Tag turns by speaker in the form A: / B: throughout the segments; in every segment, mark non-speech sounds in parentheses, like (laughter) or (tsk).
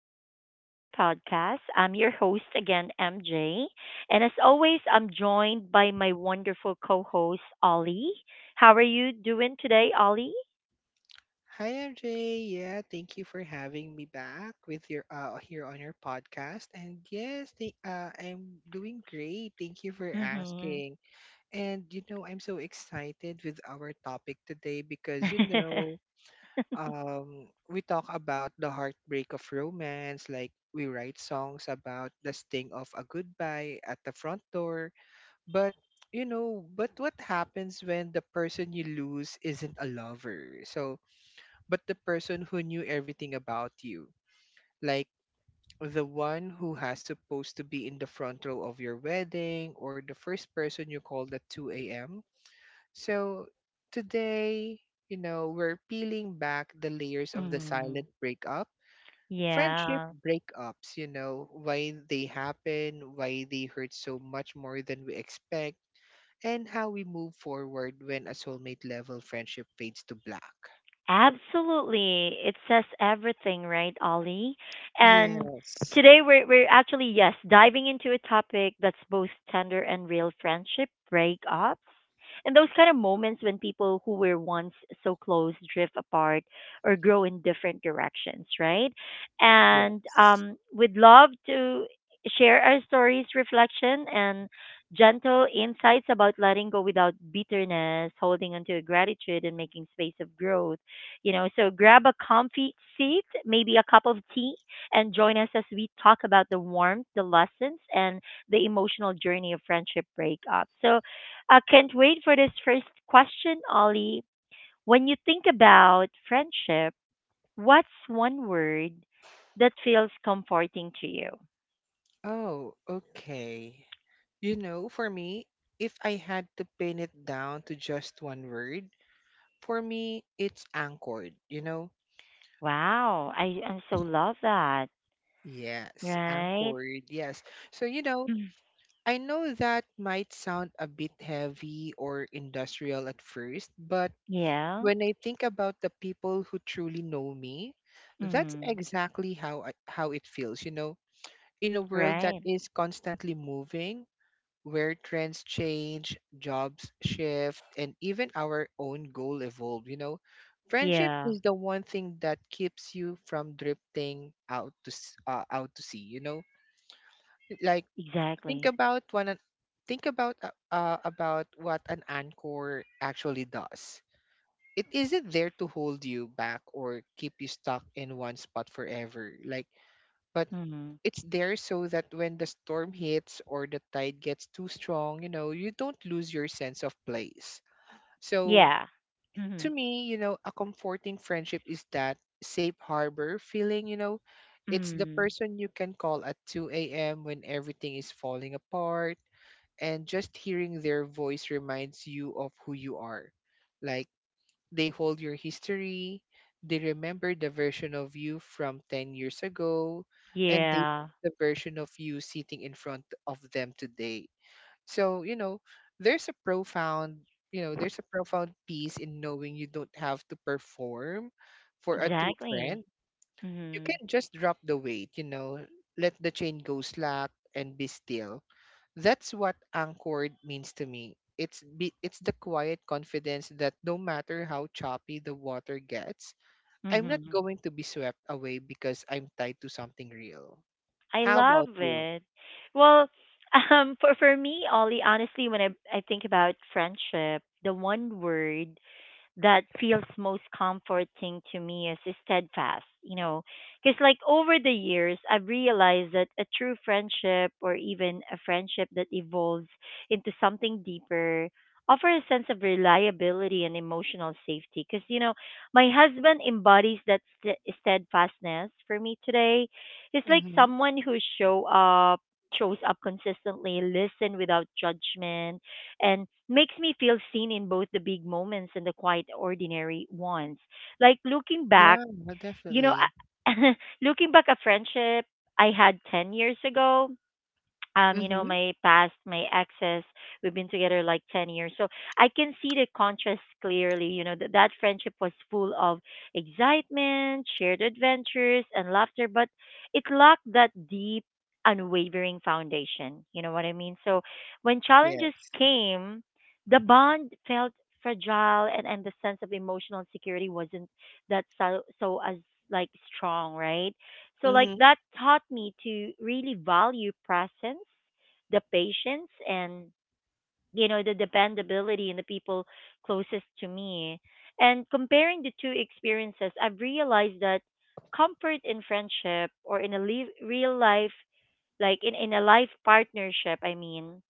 A: welcome back to the podcast. I'm your host again, MJ. And as always, I'm joined by my wonderful co host, Ollie. How are you doing today, Ollie?
B: Hi MJ, yeah, thank you for having me back with your here on your podcast. And yes, I'm doing great. Thank you for
A: Mm
B: asking. And you know, I'm so excited with our topic today because you
A: hmm.
B: know, um, we talk about the heartbreak of romance. Like we write songs about the sting of a goodbye at the front door, but you know, but what happens when the person you lose isn't a lover? But the person who knew everything about you. Like the one who has supposed to be in the front row of your wedding or the first person you called at 2 a.m. So today, you know, we're peeling back the layers
A: (laughs)
B: of the
A: Mm.
B: silent breakup. Friendship
A: Yeah.
B: breakups, you know, why they happen, why they hurt so much more than we expect, and how we move forward when a soulmate level friendship fades to black.
A: Absolutely. It says everything, right, Ollie? And
B: Yes.
A: today we're actually yes, diving into a topic that's both tender and real friendship breakups. And those kind of moments when people who were once so close drift apart or grow in different directions, right? And
B: Yes.
A: we'd love to share our stories, reflection and gentle insights about letting go without bitterness, holding onto gratitude and making space of growth, so grab a comfy seat, maybe a cup of tea, and join us as we talk about the warmth, the lessons, and the emotional journey of friendship breakup. So I can't wait for this first question, Ollie. When you think about friendship, what's one word that feels comforting to you?
B: Oh, okay. You know, for me, if I had to pin it down to just one word, for me, it's anchored, you know?
A: Wow, I so love that.
B: Yes,
A: Right?
B: anchored, yes. So, you know,
A: Mm.
B: I know that might sound a bit heavy or industrial at first, but
A: Yeah.
B: when I think about the people who truly know me, that's
A: Mm.
B: exactly how it feels, you know? In a world that
A: Right.
B: is constantly moving, where trends change, jobs shift, and even our own goal evolve, you know. Friendship
A: Yeah,
B: is the one thing that keeps you from drifting out to out to sea, you know. Like think
A: exactly.
B: about one an- think about what an anchor actually does. It isn't there to hold you back or keep you stuck in one spot forever. But it's there so that when the storm hits or the tide gets too strong, you know, you don't lose your sense of place. So
A: Yeah. Mhm.
B: to me, you know, a comforting friendship is that safe harbor feeling, you know, it's the
A: Mm.
B: person you can call at 2 a.m. when everything is falling apart, and just hearing their voice reminds you of who you are. Like, they hold your history, they remember the version of you from 10 years ago, and
A: Yeah.
B: the version of you sitting in front of them today. So, you know, there's a profound, there's a profound peace in knowing you don't have to perform for a true
A: Exactly.
B: friend. You
A: Mhm.
B: can just drop the weight, you know, let the chain go slack and be still. That's what anchored means to me. It's the quiet confidence that no matter how choppy the water gets, I'm not
A: Mhm.
B: going to be swept away because I'm tied to something real.
A: I
B: How about
A: love
B: you?
A: it. Well, (laughs) for me, Ollie, honestly, when I think about friendship, the one word that feels most comforting to me is steadfast, because like over the years, I've realized that a true friendship or even a friendship that evolves into something deeper offer a sense of reliability and emotional safety because my husband embodies that steadfastness for me today, he's like
B: Mm-hmm.
A: someone who shows up consistently, listen without judgment and makes me feel seen in both the big moments and the quiet ordinary ones, like looking back,
B: Yeah,
A: you know
B: definitely.
A: I- (laughs) looking back at friendship I had 10 years ago.
B: Mm-hmm.
A: My past, my exes, we've been together like 10 years. So I can see the contrast clearly. That friendship was full of excitement, shared adventures, and laughter, but it lacked that deep, unwavering foundation. You know what I mean? So when challenges
B: Yes.
A: came, the bond felt fragile, and the sense of emotional security wasn't that so as like strong, right? So like
B: Mm-hmm.
A: that taught me to really value presence, the patience and the dependability in the people closest to me. And comparing the two experiences, I've realized that comfort in friendship or in a live, real life, like in a life partnership, I mean,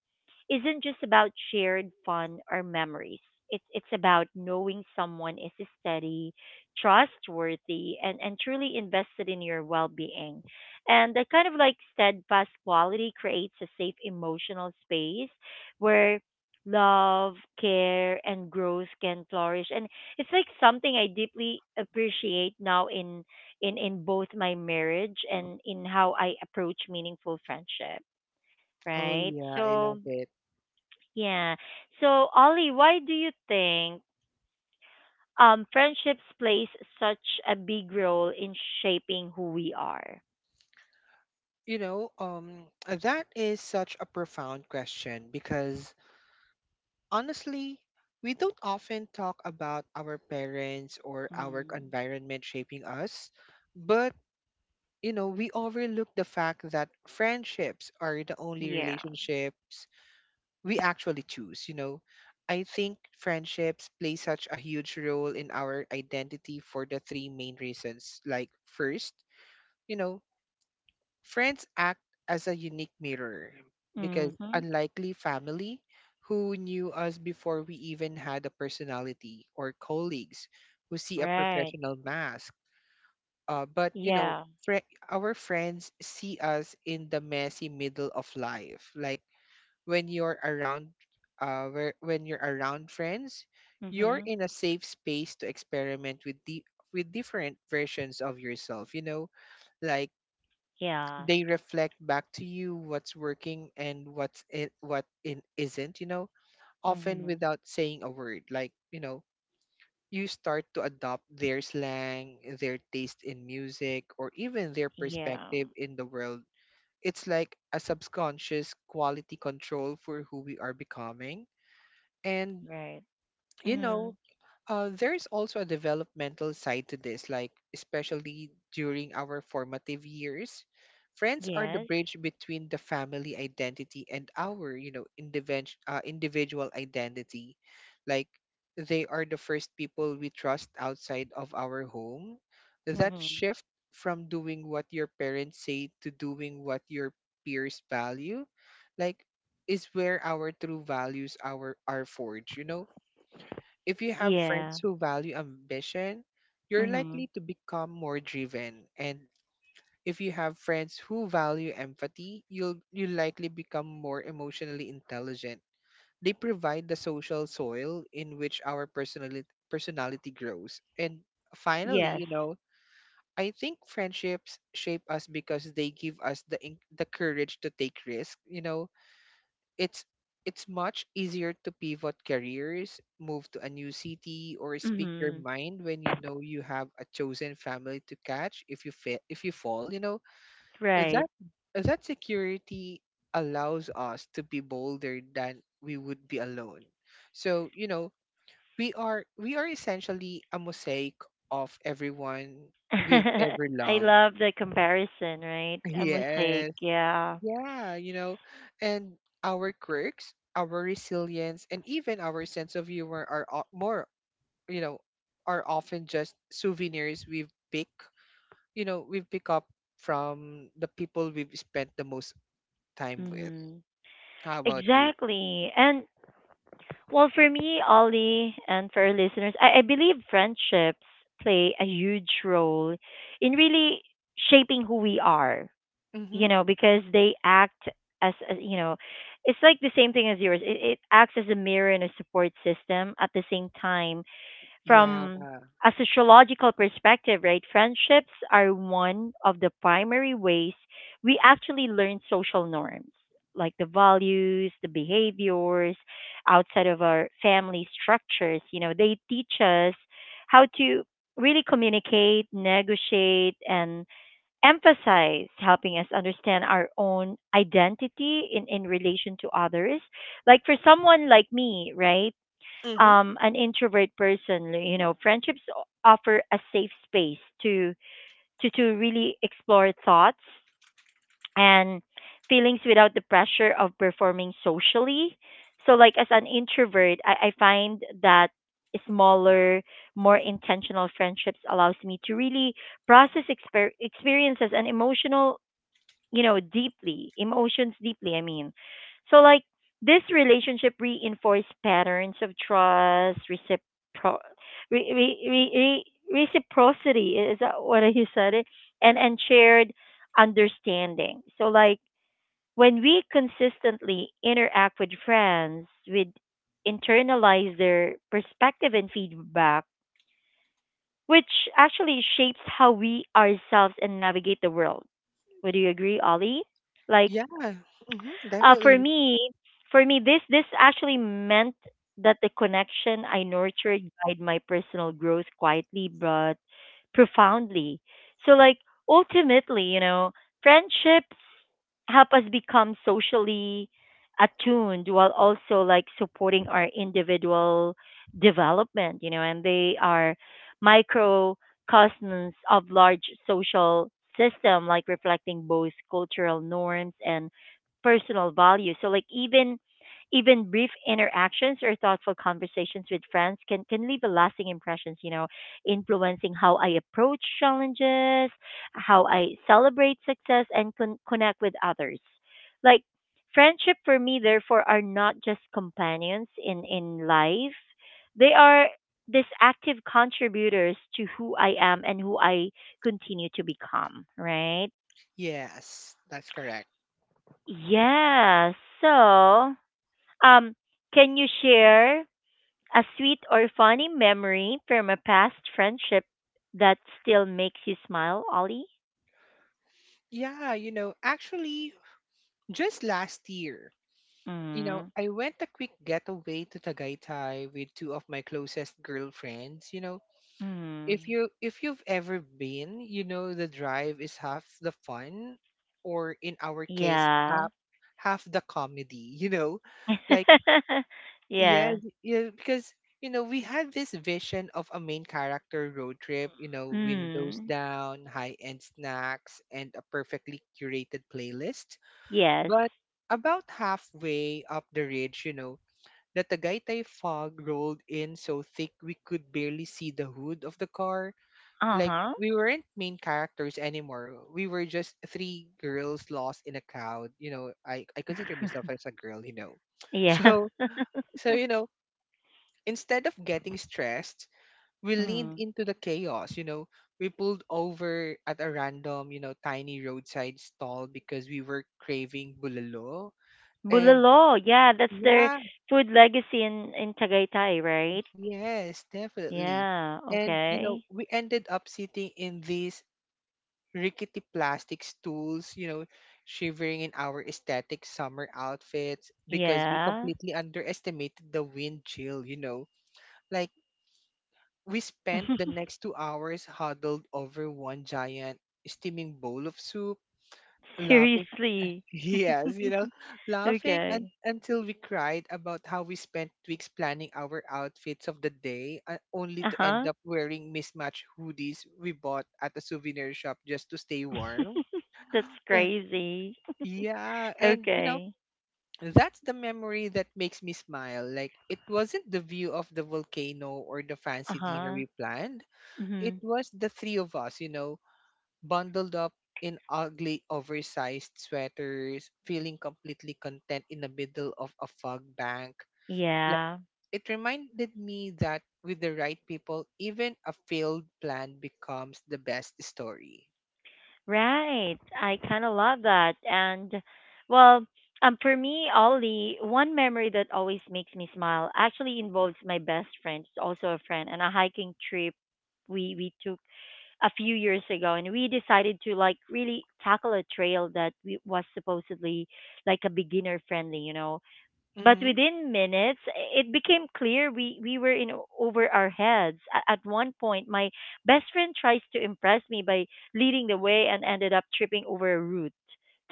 A: isn't just about shared fun or memories. It's about knowing someone is steady, trustworthy, and truly invested in your well being. And that kind of like steadfast quality creates a safe emotional space where love, care, and growth can flourish. And it's like something I deeply appreciate now in both my marriage and in how I approach meaningful friendship.
B: Oh
A: Right.
B: yeah, I
A: So
B: love it.
A: yeah. So, Ollie, why do you think friendships plays such a big role in shaping who we are?
B: You know, that is such a profound question because honestly, we don't often talk about our parents or our
A: Mm.
B: environment shaping us, but you know, we overlook the fact that friendships are the only
A: Yeah.
B: relationships we actually choose, you know. I think friendships play such a huge role in our identity for the three main reasons. Like first, you know, friends act as a unique mirror because,
A: Mm-hmm.
B: unlikely family, who knew us before we even had a personality, or colleagues who see a
A: Right.
B: professional mask. But you know,
A: Yeah.
B: fri our friends see us in the messy middle of life. Like when you're around, when you're around friends, you're
A: Mm-hmm.
B: in a safe space to experiment with the with different versions of yourself. You know, like
A: Yeah.
B: they reflect back to you what's working and what's it what in is isn't, you know, often
A: Mm-hmm.
B: without saying a word, like you know you start to adopt their slang, their taste in music, or even their
A: Yeah.
B: perspective in the world. It's like a subconscious quality control for who we are becoming. And
A: Right.
B: you
A: Mm-hmm.
B: know, there's also a developmental side to this, like especially during our formative years. Friends are the
A: Yes.
B: bridge between the family identity and our, you know, individual identity. Like they are the first people we trust outside of our home. That
A: Mm-hmm.
B: shift from doing what your parents say to doing what your peers value, like, is where our true values our are forged. You know, if you have friends
A: Yeah.
B: who value ambition, you're
A: Mm-hmm.
B: likely to become more driven. And if you have friends who value empathy, you likely become more emotionally intelligent. They provide the social soil in which our personality grows. And finally,
A: Yes.
B: you know, I think friendships shape us because they give us the courage to take risks. You know, it's it's much easier to pivot careers, move to a new city, or speak your
A: Mm-hmm.
B: mind when you know you have a chosen family to catch if you fall. You know that
A: Right.
B: that security allows us to be bolder than we would be alone. So you know we are essentially a mosaic of everyone
A: (laughs)
B: we've ever
A: I
B: loved.
A: love the comparison, right?
B: (laughs)
A: A mosaic.
B: Yes.
A: Yeah.
B: Yeah, you know, and our quirks, our resilience, and even our sense of humor are o- more, you know, are often just souvenirs we've pick up from the people we've spent the most time with.
A: Mm-hmm.
B: How about you?
A: Exactly. And well, for me, Ollie, and for our listeners, I believe friendships play a huge role in really shaping who we are,
B: Mm-hmm.
A: because they act as it's like the same thing as yours. It acts as a mirror and a support system at the same time.
B: Yeah.
A: From a sociological perspective, right, friendships are one of the primary ways we actually learn social norms, like the values, the behaviors outside of our family structures. They teach us how to really communicate, negotiate, and emphasize, helping us understand our own identity in relation to others. Like for someone like me, right?
B: Mm-hmm.
A: An introvert person, friendships offer a safe space to to really explore thoughts and feelings without the pressure of performing socially. So, like as an introvert, I find that smaller, more intentional friendships allows me to really process experiences and emotional, deeply, emotions deeply, I mean. So like this relationship reinforced patterns of trust, re- re- re- reciprocity, is that what you said it? And shared understanding. So like when we consistently interact with friends, we internalize their perspective and feedback, which actually shapes how we ourselves and navigate the world. Would you agree, Ollie? Like
B: Yeah. Mm-hmm.
A: uh, for
B: Definitely.
A: me, for me, this actually meant that the connection I nurtured guide my personal growth quietly but profoundly. So, like ultimately, friendships help us become socially attuned while also like supporting our individual development. And they are microcosms of large social system, like reflecting both cultural norms and personal value. So like even brief interactions or thoughtful conversations with friends can leave a lasting impressions, influencing how I approach challenges, how I celebrate success and connect with others. Like friendship for me therefore are not just companions in life. They are these active contributors to who I am and who I continue to become, right?
B: Yes, that's correct.
A: Yeah. So um, can you share a sweet or funny memory from a past friendship that still makes you smile, Ollie?
B: Yeah, you know, actually, just last year, you know,
A: Mm.
B: I went a quick getaway to Tagaytay with two of my closest girlfriends. You know,
A: Mm.
B: if you've ever been, you know the drive is half the fun, or in our case,
A: Yeah.
B: half the comedy. (laughs) You know, like
A: (laughs)
B: yeah,
A: Yeah.
B: yeah, because you know we had this vision of a main character road trip. You know, windows
A: Mm.
B: down, high end snacks, and a perfectly curated playlist,
A: Yes.
B: but about halfway up the ridge, you know, that the Tagaytay fog rolled in so thick we could barely see the hood of the car. Like,
A: Uh-huh.
B: we weren't main characters anymore. We were just three girls lost in a crowd. You know, I consider myself
A: (laughs)
B: as a girl, you know. (laughs)
A: Yeah.
B: So, so, you know, instead of getting stressed, we leaned
A: Mm.
B: into the chaos, you know. We pulled over at a random, you know, tiny roadside stall because we were craving bulalo. And
A: Bulalo. Yeah, that's their
B: yeah,
A: food legacy in Tagaytay, right?
B: yes, definitely.
A: Yeah.
B: And you know,
A: Okay.
B: we ended up sitting in these rickety plastic stools, you know, shivering in our aesthetic summer outfits because we
A: Yeah.
B: completely underestimated the wind chill, you know. Like we spent the
A: (laughs)
B: next 2 hours huddled over one giant steaming bowl of soup, laughing.
A: Seriously.
B: Yes, you know,
A: Okay.
B: until we cried about how we spent weeks planning our outfits of the day, only to end
A: Uh-huh.
B: up wearing mismatched hoodies we bought at a souvenir shop just to stay warm.
A: (laughs) That's
B: Uh,
A: crazy.
B: yeah, and you know,
A: Okay.
B: that's the memory that makes me smile. Like, it wasn't the view of the volcano or the fancy dinner
A: Uh-huh.
B: we planned, it
A: Mhm.
B: was the three of us, you know, bundled up in ugly oversized sweaters, feeling completely content in the middle of a fog bank. Like,
A: Yeah.
B: it reminded me that with the right people, even a failed plan becomes the best story.
A: Right. I kind of love that. And well, for me, Ollie, one memory that always makes me smile actually involves my best friend, who's also a friend, and a hiking trip we took a few years ago, and we decided to like really tackle a trail that, was supposedly like a beginner friendly. But
B: Mm-hmm.
A: within minutes, it became clear we were in over our heads. At one point, my best friend tries to impress me by leading the way and ended up tripping over a root,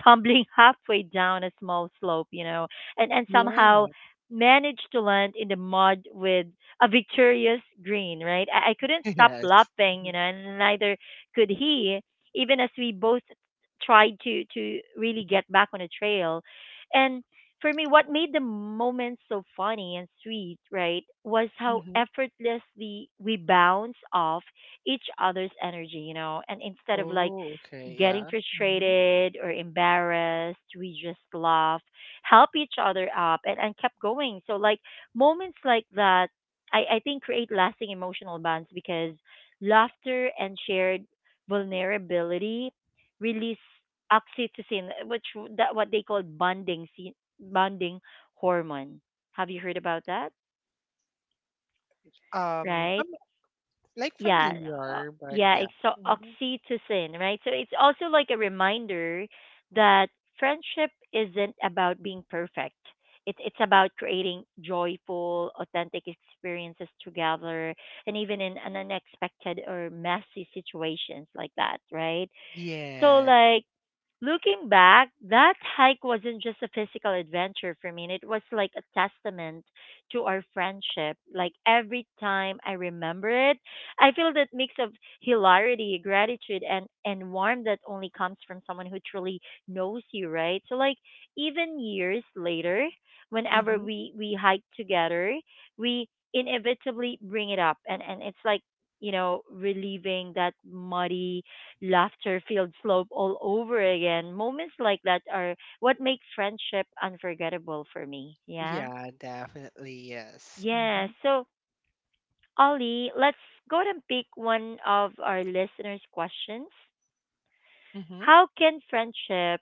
A: tumbling (laughs) halfway down a small slope, and
B: Yeah.
A: somehow managed to land in the mud with a victorious grin. Right? I couldn't
B: (laughs)
A: stop
B: yes.
A: laughing, and neither could he, even as we both tried to really get back on the trail. And for me, what made the moment so funny and sweet, right, was how
B: Mm-hmm.
A: effortlessly we bounce off each other's energy, and instead of like
B: Oh, okay.
A: getting
B: Yeah. Mm-hmm.
A: frustrated or embarrassed, we just laugh, help each other up, and kept going. So, like, moments like that, I think create lasting emotional bonds because laughter and shared vulnerability release oxytocin, which that what they call bonding hormone. Have you heard about that?
B: Um,
A: Right?
B: fam- like
A: Yeah. uh,
B: familiar, but
A: yeah,
B: yeah.
A: it's
B: Mm-hmm.
A: oxytocin, right, so it's also like a reminder that friendship isn't about being perfect, it's about creating joyful authentic experiences together and even in an unexpected or messy situations like that, right? So
B: Yeah.
A: like looking back, that hike wasn't just a physical adventure for me. It was like a testament to our friendship. Like every time I remember it, I feel that mix of hilarity, gratitude, and warmth that only comes from someone who truly knows you, right? So, like, even years later, whenever
B: Mm-hmm.
A: we hike together, we inevitably bring it up. And it's like, relieving that muddy laughter filled slope all over again. Moments like that are what make friendship unforgettable for me. Yeah.
B: Yeah, definitely. Yes.
A: Yeah.
B: Mm-hmm.
A: So, Ollie, let's go ahead and pick one of our listeners' questions.
B: Mm-hmm.
A: How can friendship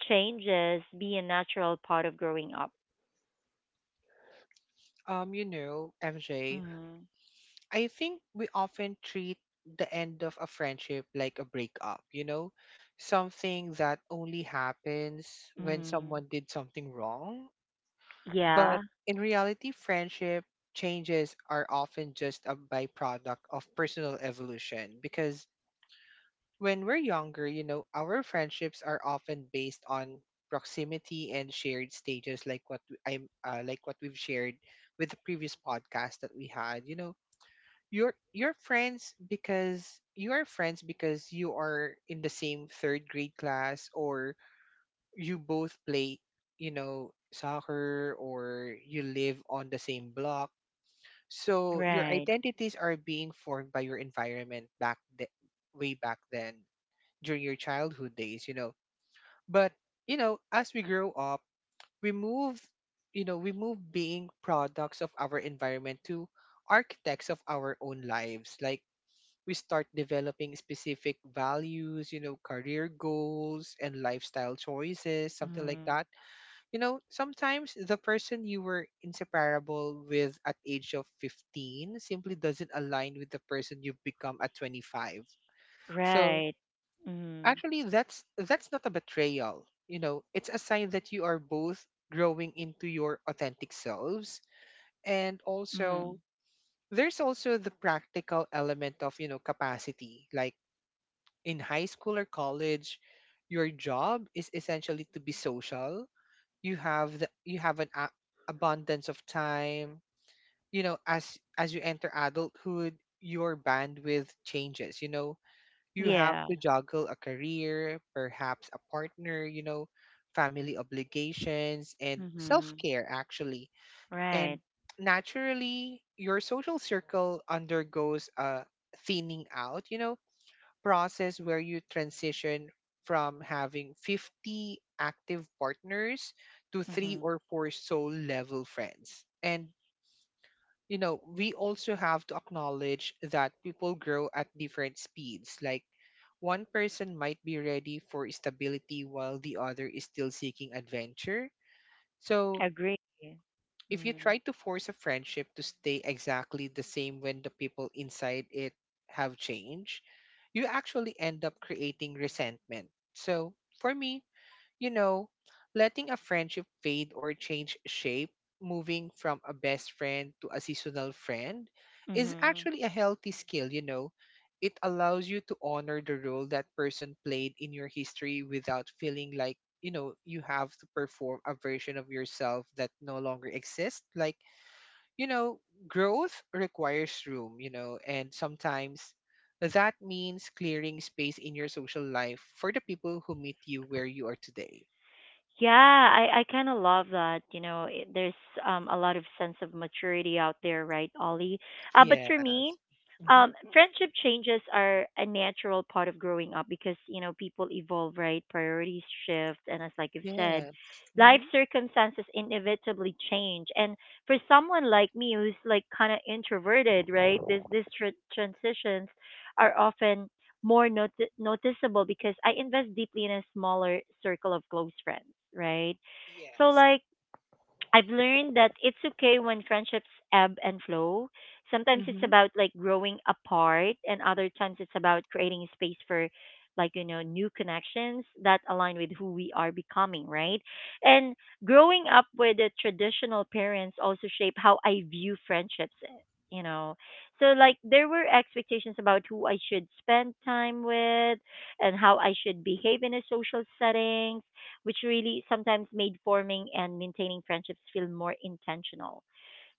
A: changes be a natural part of growing up?
B: You know, MJ,
A: Mm,
B: I think we often treat the end of a friendship like a breakup, you know, something that only happens when
A: mm,
B: someone did something wrong. But
A: yeah.
B: in reality, friendship changes are often just a byproduct of personal evolution because when we're younger, you know, our friendships are often based on proximity and shared stages, like what I'm like what we've shared with the previous podcast that we had, you know, you're friends because you are in the same third grade class, or you both play, you know, soccer, or you live on the same block, so your
A: Right.
B: identities are being formed by your environment way back then during your childhood days, you know. But you know, as we grow up, we move we move being products of our environment to architects of our own lives. Like we start developing specific values, you know, career goals and lifestyle choices, something like
A: Mm,
B: that. You know, sometimes the person you were inseparable with at age of 15 simply doesn't align with the person you've become at 25. So,
A: right. Mm,
B: actually that's not a betrayal. You know, it's a sign that you are both growing into your authentic selves. And also
A: mm,
B: there's also the practical element of, you know, capacity. Like in high school or college, your job is essentially to be social. You have an abundance of time. You know, as you enter adulthood, your bandwidth changes. You know, you have
A: yeah.
B: to juggle a career, perhaps a partner. Family obligations and self
A: Mm-hmm.
B: care actually, and
A: Right.
B: naturally, your social circle undergoes a thinning out, process where you transition from having 50 active partners to three
A: Mm-hmm.
B: or four soul level friends. And we also have to acknowledge that people grow at different speeds. One person might be ready for stability while the other is still seeking adventure. So,
A: Agree.
B: if you
A: Mm.
B: try to force a friendship to stay exactly the same when the people inside it have changed, you actually end up creating resentment. So, for me, you know, letting a friendship fade or change shape, moving from a best friend to a seasonal friend, is
A: Mhm.
B: actually a healthy skill. It allows you to honor the role that person played in your history without feeling like, you have to perform a version of yourself that no longer exists. You know, growth requires room, and sometimes that means clearing space in your social life for the people who meet you where you are today.
A: Yeah, I kind of love that. There's a lot of sense of maturity out there, right, Ollie? But for me,
B: Yes. Mhm.
A: friendship changes are a natural part of growing up because people evolve, right? Priorities shift, and as like you've said,
B: Yes.
A: life
B: Mhm.
A: circumstances inevitably change. And for someone like me who's like kind of introverted, right, this these transitions are often more noticeable because I invest deeply in a smaller circle of close friends, right? So
B: Yes.
A: like I've learned that it's okay when friendships ebb and flow. Sometimes it's
B: Mhm.
A: about like growing apart, and other times it's about creating space for like new connections that align with who we are becoming, right? And growing up with the traditional parents also shape how I view friendships, you know. So like there were expectations about who I should spend time with and how I should behave in a social setting which really sometimes made forming and maintaining friendships feel more intentional.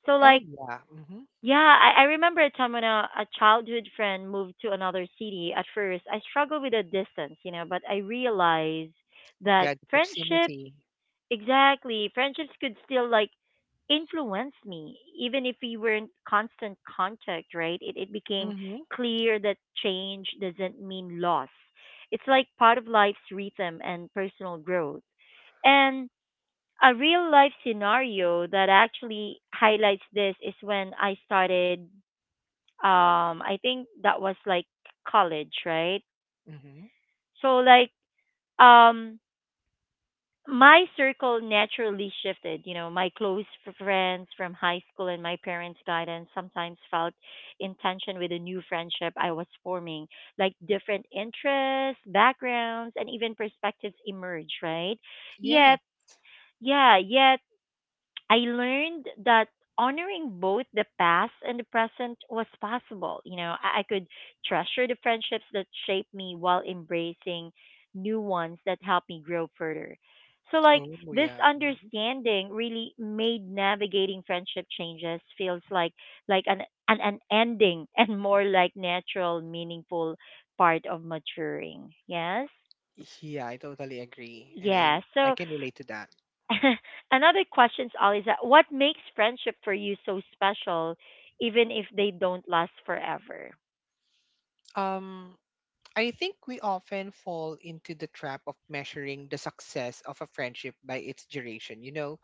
A: So
B: Oh,
A: like
B: yeah. Mhm.
A: yeah, I remember a time when a childhood friend moved to another city. At first, I struggled with the distance, you know, but I realized that
B: Yeah, the
A: friendships,
B: proximity.
A: exactly, friendships could still like influence me, even if we were in constant contact, right? It became
B: Mhm.
A: clear that change doesn't mean loss. It's like part of life's rhythm and personal growth. And a real life scenario that actually highlights this is when I started I think that was like college, right?
B: Mhm.
A: So like um my circle naturally shifted, you know, my close friends from high school and my parents' guidance sometimes felt in tension with a new friendship I was forming. Like different interests, backgrounds, and even perspectives emerge, right?
B: Yes.
A: Yet yeah, yet I learned that honoring both the past and the present was possible. You know, I could treasure the friendships that shaped me while embracing new ones that helped me grow further. So, like,
B: Oh,
A: this
B: yeah. Mhm.
A: understanding really made navigating friendship changes feels like an ending (laughs) and more like natural, meaningful part of maturing. Yes.
B: Yeah, I totally agree, and I
A: Yeah.
B: I
A: So
B: can relate to that.
A: (laughs) another question, Ali, is that what makes friendship for you so special, even if they don't last forever?
B: Um, I think we often fall into the trap of measuring the success of a friendship by its duration.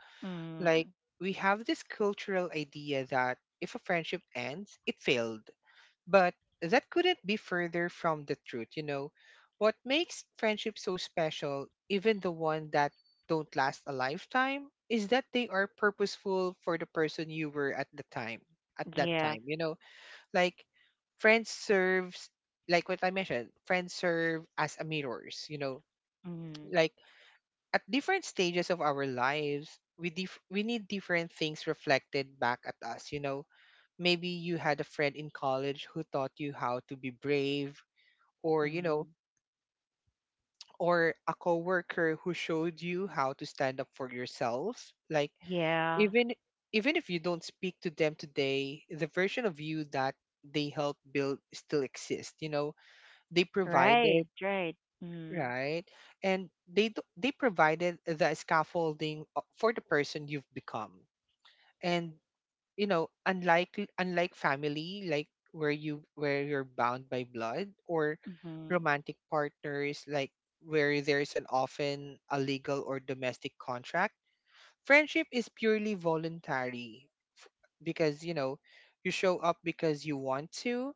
B: like
A: Mm,
B: we have this cultural idea that if a friendship ends, it failed, but that couldn't be further from the truth. What makes friendships so special, even the one that don't last a lifetime, is that they are purposeful for the person you were at the time, at that
A: yeah.
B: time. Like friends serves friends serve as a mirrors.
A: Mm,
B: Like at different stages of our lives, we need different things reflected back at us. Maybe you had a friend in college who taught you how to be brave, or you know
A: mm,
B: or a coworker who showed you how to stand up for yourself. Like,
A: yeah.
B: even even if you don't speak to them today, the version of you that they helped build still exists. They provided,
A: Right. Right. Mm,
B: right, they provided the scaffolding for the person you've become. And unlike family, like where you're bound by blood, or
A: mhm,
B: romantic partners, like where there's an often a legal or domestic contract, friendship is purely voluntary, f- because you show up because you want to.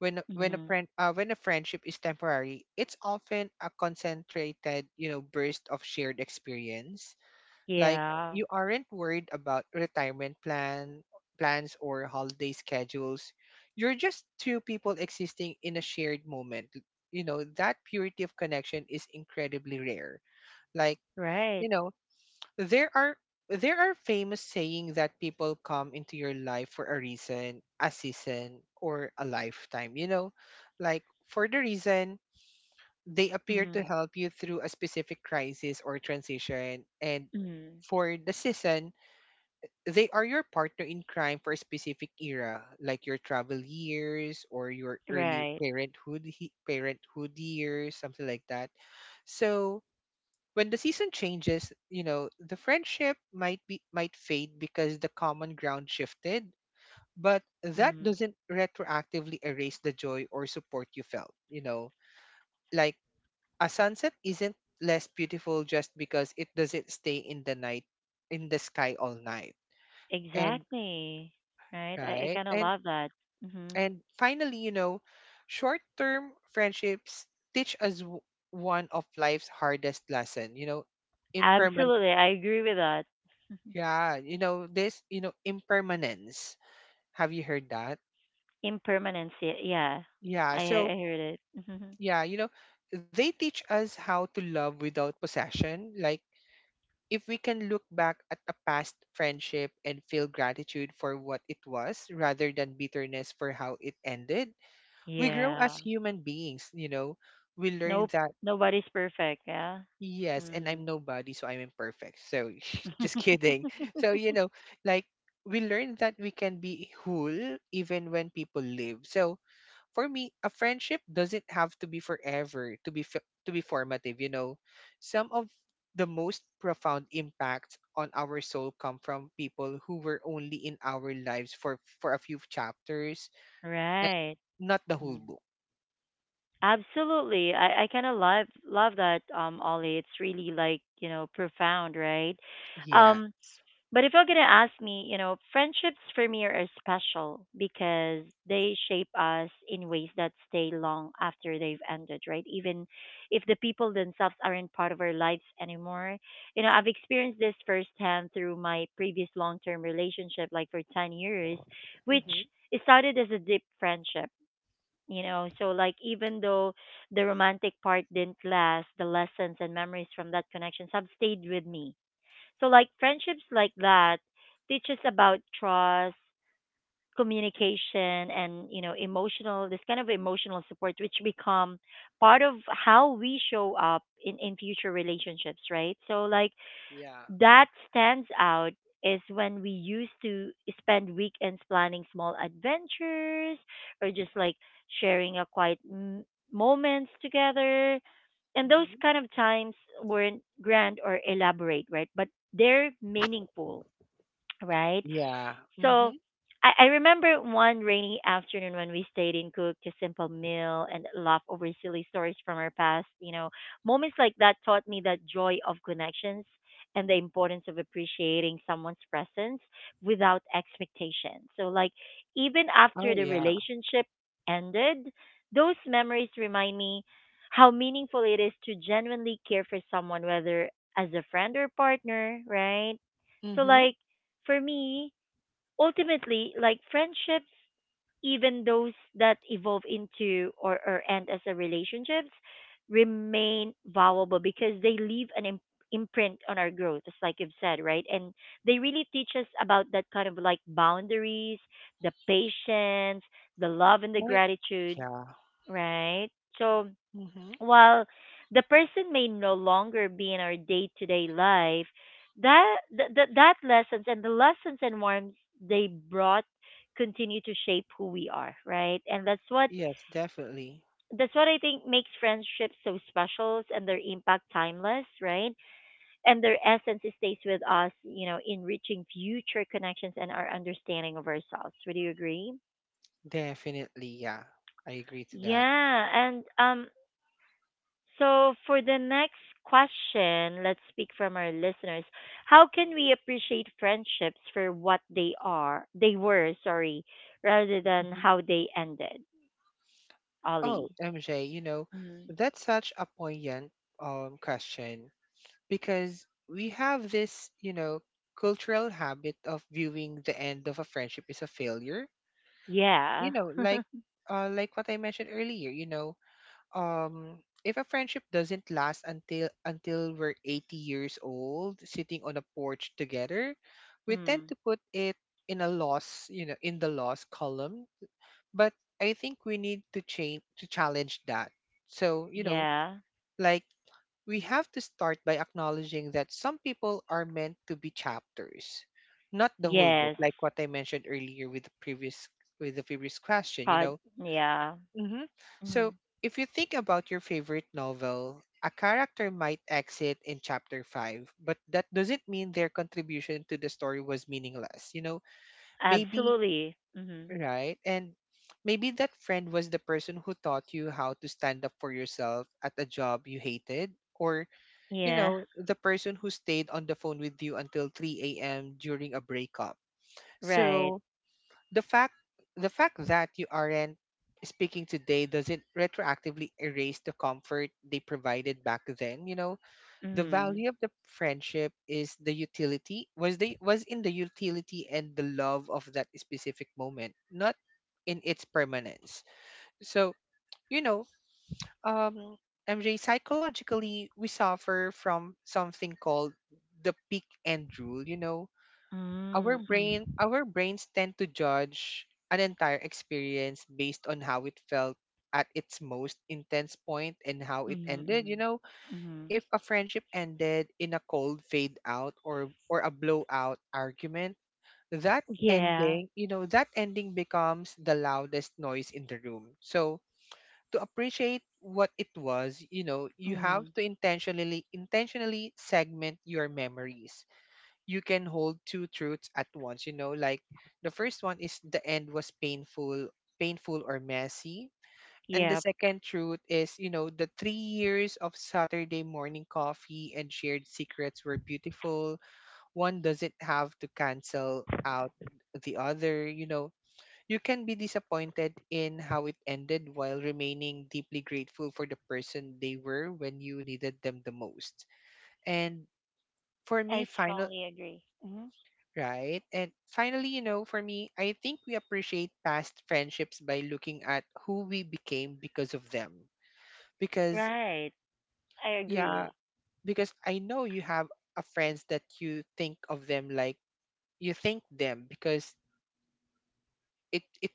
B: When a
A: mhm,
B: friend when a friendship is temporary, it's often a concentrated, burst of shared experience. Like,
A: yeah.
B: you aren't worried about retirement plan plans or holiday schedules. You're just two people existing in a shared moment. You know, that purity of connection is incredibly rare. Like,
A: Right.
B: you know, there are there are famous saying that people come into your life for a reason, a season, or a lifetime, you know? Like, for the reason, they appear to
A: Mhm,
B: help you through a specific crisis or transition. And
A: mhm,
B: for the season, they are your partner in crime for a specific era, like your travel years or your early
A: right.
B: parenthood years, something like that. So when the season changes, you know, the friendship might fade because the common ground shifted, but that
A: Mhm.
B: doesn't retroactively erase the joy or support you felt, you know. Like, a sunset isn't less beautiful just because it doesn't stay in the night in the sky all night. And
A: Exactly. Right. I
B: right?
A: kind of love that. Mhm.
B: And finally, you know, short term friendships teach us, one of life's hardest lesson. You know, imperman.
A: Absolutely. I agree with that.
B: Yeah, you know this. You know, impermanence. Have you heard that?
A: Impermanence. Yeah.
B: Yeah.
A: I, I
B: So
A: I heard it. (laughs)
B: yeah, you know, they teach us how to love without possession. Like, if we can look back at a past friendship and feel gratitude for what it was, rather than bitterness for how it ended, we grow as
A: Yeah.
B: human beings. You know, we learn
A: Nope.
B: that.
A: Nobody's perfect. Yeah.
B: Yes, and I'm
A: Mm.
B: nobody, so I'm imperfect. So (laughs) just
A: (laughs)
B: kidding. So you know, like, we learn that we can be whole even when people leave. So for me, a friendship doesn't have to be forever to be to be formative. You know, some of the most profound impacts on our soul come from people who were only in our lives for a few chapters and
A: right.
B: not the whole
A: Mm.
B: book.
A: Absolutely. I kind of love that, um, Ollie. It's really like, you know, profound, right?
B: Yeah.
A: Um, but if you're gonna ask me, you know, friendships for me are special because they shape us in ways that stay long after they've ended, right? Even if the people themselves aren't part of our lives anymore. You know, I've experienced this firsthand through my previous long term relationship, like for 10 years, which
B: Mm-hmm.
A: it started as a deep friendship. You know, so like even though the romantic part didn't last, the lessons and memories from that connections have stayed with me, so like friendships like that teach us about trust, communication, and you know emotional this kind of emotional support which become part of how we show up in future relationships, right? So like
B: Yeah.
A: that stands out is when we used to spend weekends planning small adventures or just like sharing a quiet moments together, and those
B: Mm-hmm.
A: kind of times weren't grand or elaborate, right? But they're meaningful, right?
B: Yeah.
A: So
B: Mm-hmm.
A: I remember one rainy afternoon when we stayed and cooked a simple meal and laughed over silly stories from our past. You know, moments like that taught me that joy of connections and the importance of appreciating someone's presence without expectation. So, like, even after
B: Oh
A: the
B: yeah.
A: relationship ended, those memories remind me how meaningful it is to genuinely care for someone, whether as a friend or partner, right? So,
B: Mm-hmm.
A: like, for me, ultimately, like friendships, even those that evolve into or end as a relationships, remain valuable because they leave an imprint on our growth, just like you've said, right? And they really teach us about that kind of like boundaries, the patience, the love, and the
B: Right?
A: gratitude,
B: Yeah.
A: right? So
B: Mm-hmm.
A: while the person may no longer be in our day-to-day life, that that lessons and the lessons and warmth they brought continue to shape who we are, right? And
B: Yes, definitely.
A: that's what I think makes friendships so special and their impact timeless, right? And their essence stays with us, you know, enriching future connections and our understanding of ourselves. Would you agree?
B: Definitely, yeah. I agree to that.
A: Yeah. And um, so for the next question, let's speak from our listeners. How can we appreciate friendships for what they are? They were, sorry, rather than
B: Hmm.
A: how they ended.
B: Oh,
A: Ollie.
B: MJ, you know,
A: Mm.
B: that's such a poignant question because we have this, you know, cultural habit of viewing the end of a friendship as a failure. You
A: Yeah.
B: know, like
A: (laughs)
B: like what I mentioned earlier, you know, um if a friendship doesn't last until we're 80 years old sitting on a porch together, we tend
A: mm.
B: to put it in a loss, you know, in the loss column. But I think we need to change to challenge that. So you know,
A: Yeah.
B: like, we have to start by acknowledging that some people are meant to be chapters, not the whole book,
A: Yes.
B: like what I mentioned earlier with the previous question, you
A: Pod.
B: know.
A: Yeah.
B: Hmm. So,
A: Mm.
B: if you think about your favorite novel, a character might exit in chapter 5, but that doesn't mean their contribution to the story was meaningless. You know, maybe,
A: Absolutely. Hmm.
B: right? And maybe that friend was the person who taught you how to stand up for yourself at a job you hated. Or, you
A: Yeah.
B: know, the person who stayed on the phone with you until 3 a.m. during a breakup.
A: Right.
B: So, the fact the fact that you aren't speaking today doesn't retroactively erase the comfort they provided back then, you know. The
A: Mm.
B: value of the friendship is the utility was in the utility and the love of that specific moment, not in its permanence. So, you know, um MJ, psychologically we suffer from something called the peak end rule, you know.
A: Mm. Mm.
B: Our brains tend to judge an entire experience based on how it felt at its most intense point and how it
A: Mm.
B: ended, you
A: Mm.
B: know.
A: Mm.
B: If a friendship ended in a cold fade out or a blowout argument, that
A: Yeah.
B: ending, you know, that ending becomes the loudest noise in the room. So to appreciate what it was, you know, you have
A: Mm.
B: to intentionally segment your memories. You can hold two truths at once, you know. Like, the first one is the end was painful or messy, and the
A: Yeah.
B: second truth is, you know, the 3 years of Saturday morning coffee and shared secrets were beautiful. One doesn't have to cancel out the other, you know. You can be disappointed in how it ended while remaining deeply grateful for the person they were when you needed them the most. And for me
A: I
B: final
A: strongly agree.
B: Right. And finally, you know, for me, I think we appreciate past friendships by looking at who we became because of them. Because,
A: Right. I
B: yeah,
A: agree.
B: because I know you have a friends that you think of them, like, you think them because it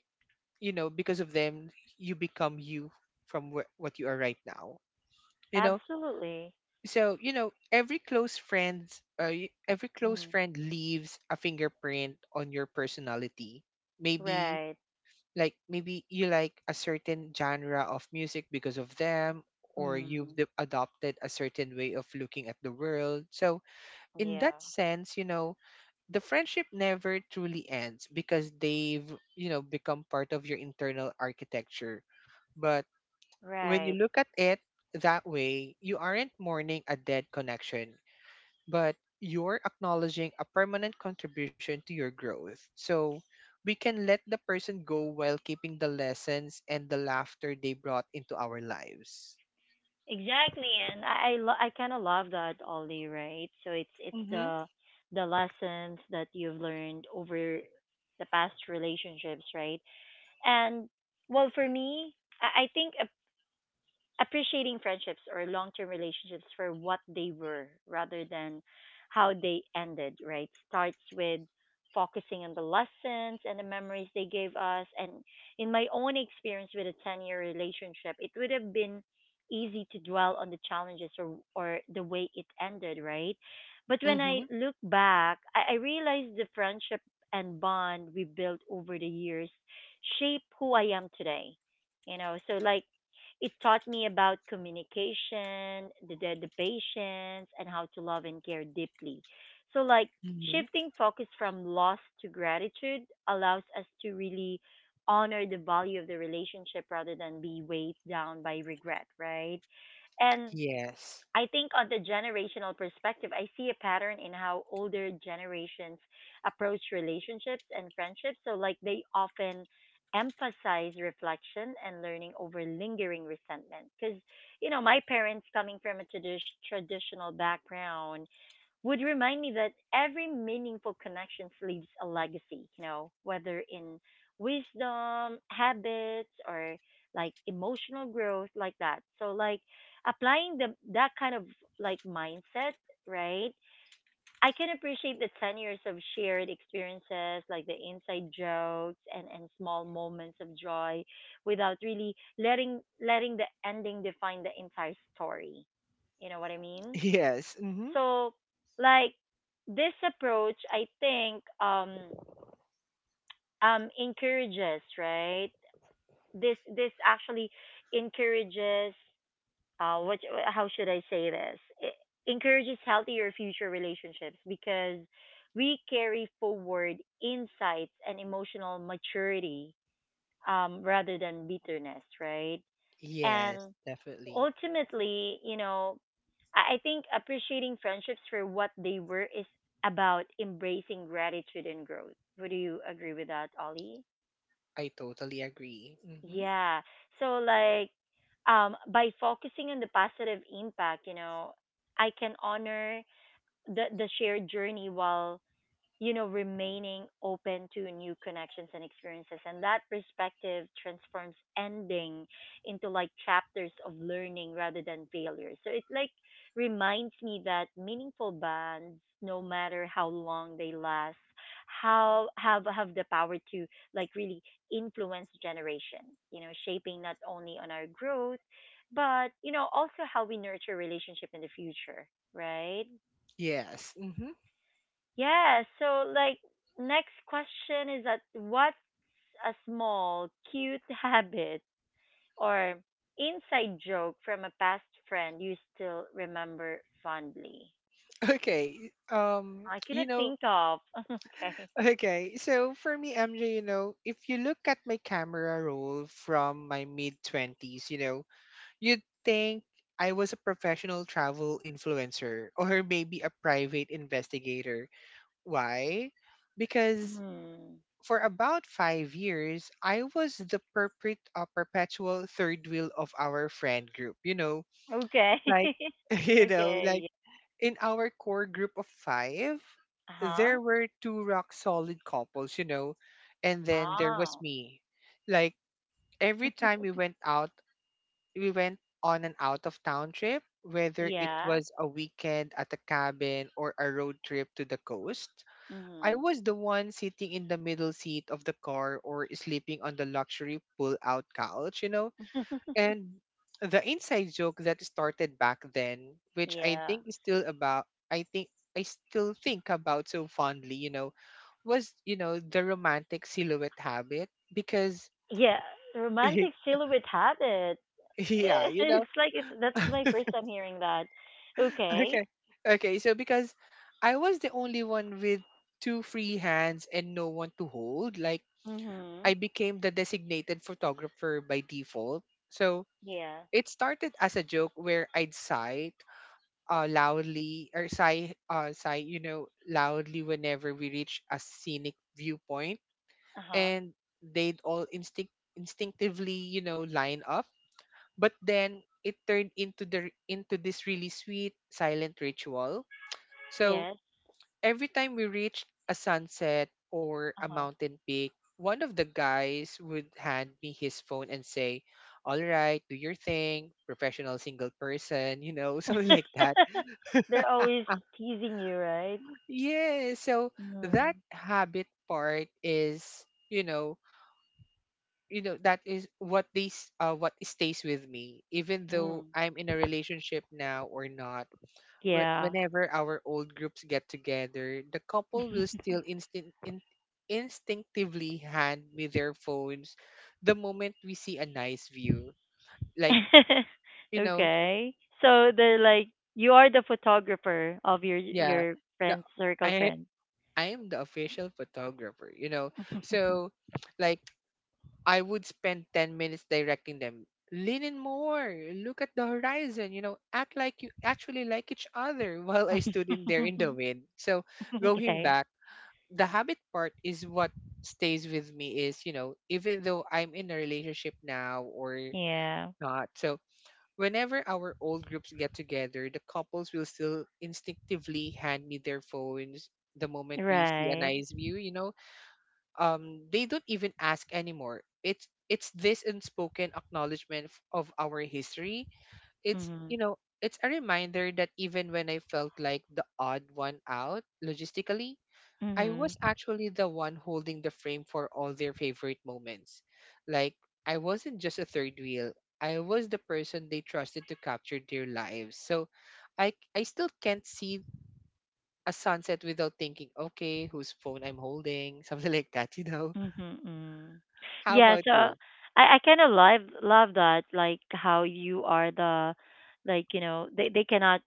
B: you know, because of them, you become you from what you are right now. You know,
A: Absolutely.
B: so every close friends, every close
A: Mm.
B: friend leaves a fingerprint on your personality. Maybe
A: Right.
B: maybe you like a certain genre of music because of them, or you've
A: Mm.
B: adopted a certain way of looking at the world. So in
A: Yeah.
B: that sense, you know, the friendship never truly ends because they've, you know, become part of your internal architecture. But when you
A: Right.
B: look at it that way, you aren't mourning a dead connection, but you're acknowledging a permanent contribution to your growth. So we can let the person go while keeping the lessons and the laughter they brought into our lives.
A: Exactly. And I kind of love that, Ollie. Right. So it's
B: Mm-hmm.
A: the lessons that you've learned over the past relationships, right? And well, for me, I think appreciating friendships or long-term relationships for what they were rather than how they ended, right? Starts with focusing on the lessons and the memories they gave us. And in my own experience with a 10-year relationship, it would have been easy to dwell on the challenges or the way it ended, right? But when
B: Mm-hmm.
A: I look back, I realized the friendship and bond we built over the years shape who I am today. You know, so like it taught me about communication, the patience, and how to love and care deeply. So, like,
B: Mm-hmm.
A: shifting focus from loss to gratitude allows us to really honor the value of the relationship rather than be weighed down by regret, right? And
B: Yes. (laughs)
A: I think on the generational perspective, I see a pattern in how older generations approach relationships and friendships. So, like, they often emphasize reflection and learning over lingering resentment. Because, you know, my parents, coming from a traditional background, would remind me that every meaningful connection leaves a legacy, you know, whether in wisdom, habits, or like emotional growth, like that. So, like applying the that kind of like mindset, right? I can appreciate the 10 years of shared experiences, like the inside jokes and small moments of joy, without really letting the ending define the entire story. You know what I mean?
B: Yes. Mm-hmm.
A: So like this approach I think um encourages, right? This actually encourages what, how should I say this? It encourages healthier future relationships because we carry forward insights and emotional maturity, um, rather than bitterness, right?
B: Yes,
A: And
B: definitely.
A: ultimately, you know, I think appreciating friendships for what they were is about embracing gratitude and growth. Would you agree with that, Ollie?
B: I totally agree. Mm-hmm.
A: Yeah. So like by focusing on the positive impact, you know, I can honor the shared journey while you know, remaining open to new connections and experiences. And that perspective transforms ending into like chapters of learning rather than failure. So it like reminds me that meaningful bonds, no matter how long they last, how have the power to like really influence generations, you know, shaping not only on our growth, but you know, also how we nurture relationship in the future, right?
B: Yes. Mm-hmm.
A: Yeah, so like next question is that what's a small cute (laughs) habit or inside joke from a past friend you still remember fondly?
B: (laughs) Okay.
A: I
B: You
A: cannot
B: know,
A: think of. (laughs) Okay.
B: okay. So for me, MJ, you know, if you look at my camera roll from my mid 20s, you know, you'd think I was a professional travel influencer or maybe a private investigator. Why? Because
A: Hmm.
B: for about 5 years, I was the perpetual third wheel of our friend group. You know,
A: Okay.
B: like, (laughs)
A: (laughs)
B: you know, like
A: okay.
B: in our core group of five,
A: Huh?
B: there were two rock solid couples, you know, and then there was
A: Oh.
B: me. Like, every time we went on an out of town trip, whether it
A: Yeah.
B: was a weekend at a cabin or a road trip to the coast. I
A: Mhm.
B: was the one sitting in the middle seat of the car or sleeping on the luxury pull out couch, you know?
A: (laughs)
B: And the inside joke that started back then, which I
A: yeah.
B: think is still about, I think, I still think about so fondly, you know, was, you know, the romantic silhouette habit because,
A: Yeah. Romantic
B: (laughs)
A: silhouette habit.
B: yeah,
A: (laughs)
B: you know.
A: It's like it's that's my first time hearing that. Okay.
B: Okay. Okay. So because I was the only one with two free hands and no one to hold, like,
A: Mhm.
B: I became the designated photographer by default. So
A: Yeah.
B: it started as a joke where I'd sigh, loudly, or sigh, loudly, whenever we reach a scenic viewpoint,
A: Uh-huh.
B: and they'd all instinctively, line up. But then it turned into this really sweet silent ritual. So
A: Yes.
B: every time we reached a sunset or a
A: Uh-huh.
B: mountain peak, one of the guys would hand me his phone and say, "All right, do your thing, professional single person," (laughs) something like that.
A: (laughs) They're always teasing you, right?
B: Yeah, so
A: Mm.
B: that habit part is, you know, that is what these what stays with me even though
A: Mm.
B: I'm in a relationship now or not. whe-
A: Yeah.
B: whenever our old groups get together, the couple will still instinctively hand me their phones the moment we see a nice view. Like,
A: (laughs)
B: you know,
A: okay. So they're like you are the photographer of
B: yeah,
A: your
B: the
A: friends circle
B: I
A: friends.
B: I am the official photographer. So, like, I would spend 10 minutes directing them. Lean in more. Look at the horizon, act like you actually like each other (laughs) while I stood in there in the wind. So,
A: (laughs)
B: going
A: okay.
B: back, the habit part is what stays with me is, even though I'm in a relationship now or
A: Yeah.
B: not. So whenever our old groups get together, the couples will still instinctively hand me their phones the moment we see a
A: Right.
B: nice view. They don't even ask anymore. It's this unspoken acknowledgement of our history. it's
A: Mhm.
B: you know it's a reminder that even when I felt like the odd one out logistically, I was
A: Mhm.
B: actually the one holding the frame for all their favorite moments. Like, I wasn't just a third wheel, I was the person they trusted to capture their lives. So, I still can't see a sunset without thinking, "Okay, whose phone I'm holding," (laughs) something like that?
A: Mm-hmm. Mm-hmm.
B: How
A: Yeah,
B: about
A: so
B: you?
A: I kind of love that, like how you are the, like you know they cannot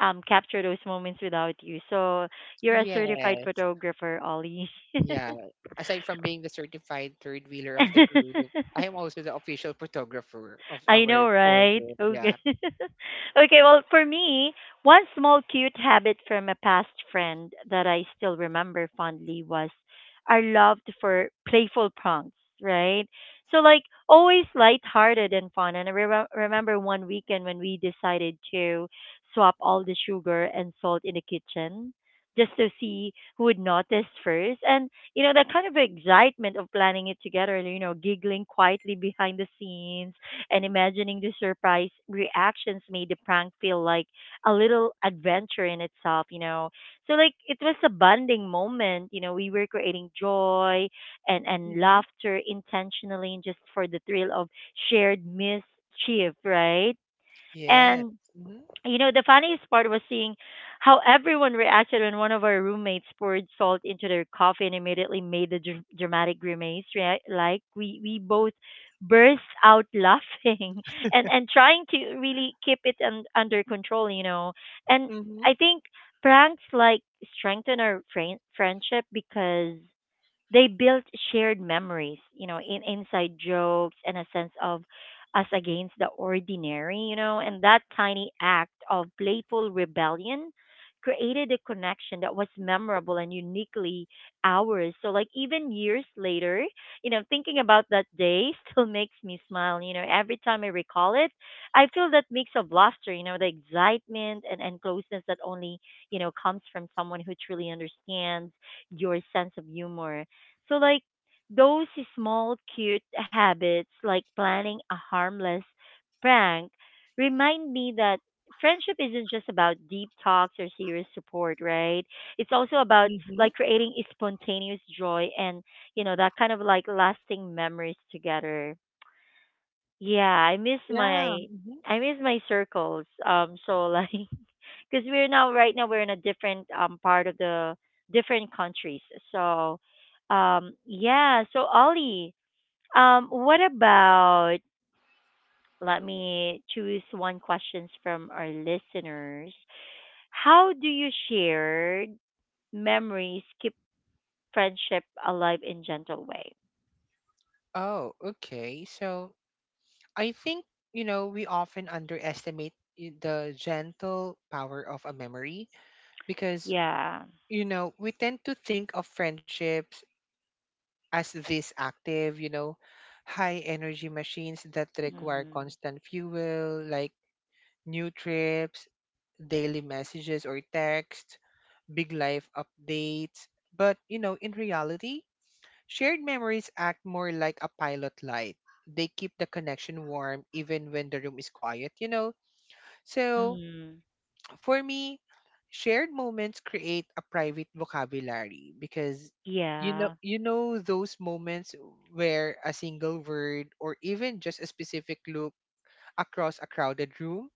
A: capture those moments without you. So you're a certified
B: Yes,
A: photographer, Ollie.
B: yeah. Aside from being the certified third wheeler of the group, I am
A: (laughs)
B: also the official photographer of
A: I
B: our
A: know,
B: core
A: right?
B: group.
A: Okay.
B: Yeah.
A: (laughs) okay, well, for me, one small cute habit from a past friend that I still remember fondly was our love for playful pranks, right? So, like, always lighthearted and fun. And I remember one weekend when we decided to swap all the sugar and salt in the kitchen just to see who would notice first. And you know that kind of excitement of planning it together, you know, giggling quietly behind the scenes and imagining the surprise reactions made the prank feel like a little adventure in itself, you know. So like it was a bonding moment, you know, we were creating joy and
B: Mm-hmm.
A: laughter intentionally and just for the thrill of shared mischief, right?
B: Yes.
A: And
B: Mm-hmm.
A: you know, the funniest part was seeing how everyone reacted when one of our roommates poured salt into their coffee and immediately made a dramatic grimace. Right, like we both burst out laughing (laughs) and trying to really keep it under control. You know, and
B: Mm-hmm.
A: I think pranks like strengthen our friendship because they built shared memories, you know, in inside jokes and a sense of us against the ordinary, you know, and that tiny act of playful rebellion created a connection that was memorable and uniquely ours. So like even years later, you know, thinking about that day (laughs) still makes me smile. You know, every time I recall it, I feel that mix of laughter, you know, the excitement and, closeness that only, you know, comes from someone who truly understands your sense of humor. So like those small cute habits like planning a harmless prank remind me that friendship isn't just about deep talks or serious support, right? It's also about like creating a spontaneous joy and, you know, that kind of like lasting memories together. Yeah,
B: Yeah. Mhm.
A: I miss my circles. (laughs) Because we're now right now we're in a different part of the different countries. So yeah, so Ollie, what about let me choose one questions from our listeners. How do you share memories keep friendship alive in gentle way?
B: Oh, okay. So I think, we often underestimate the gentle power of a memory because,
A: Yeah.
B: we tend to think of friendships as these active, high energy machines that require
A: Mm.
B: constant fuel, like new trips, daily messages or texts, big life updates. But, in reality, shared memories act more like a pilot light. They keep the connection warm even when the room is quiet. So,
A: Mm.
B: for me, shared moments create a private vocabulary because
A: Yeah.
B: those moments where a single word or even just a specific look across a crowded room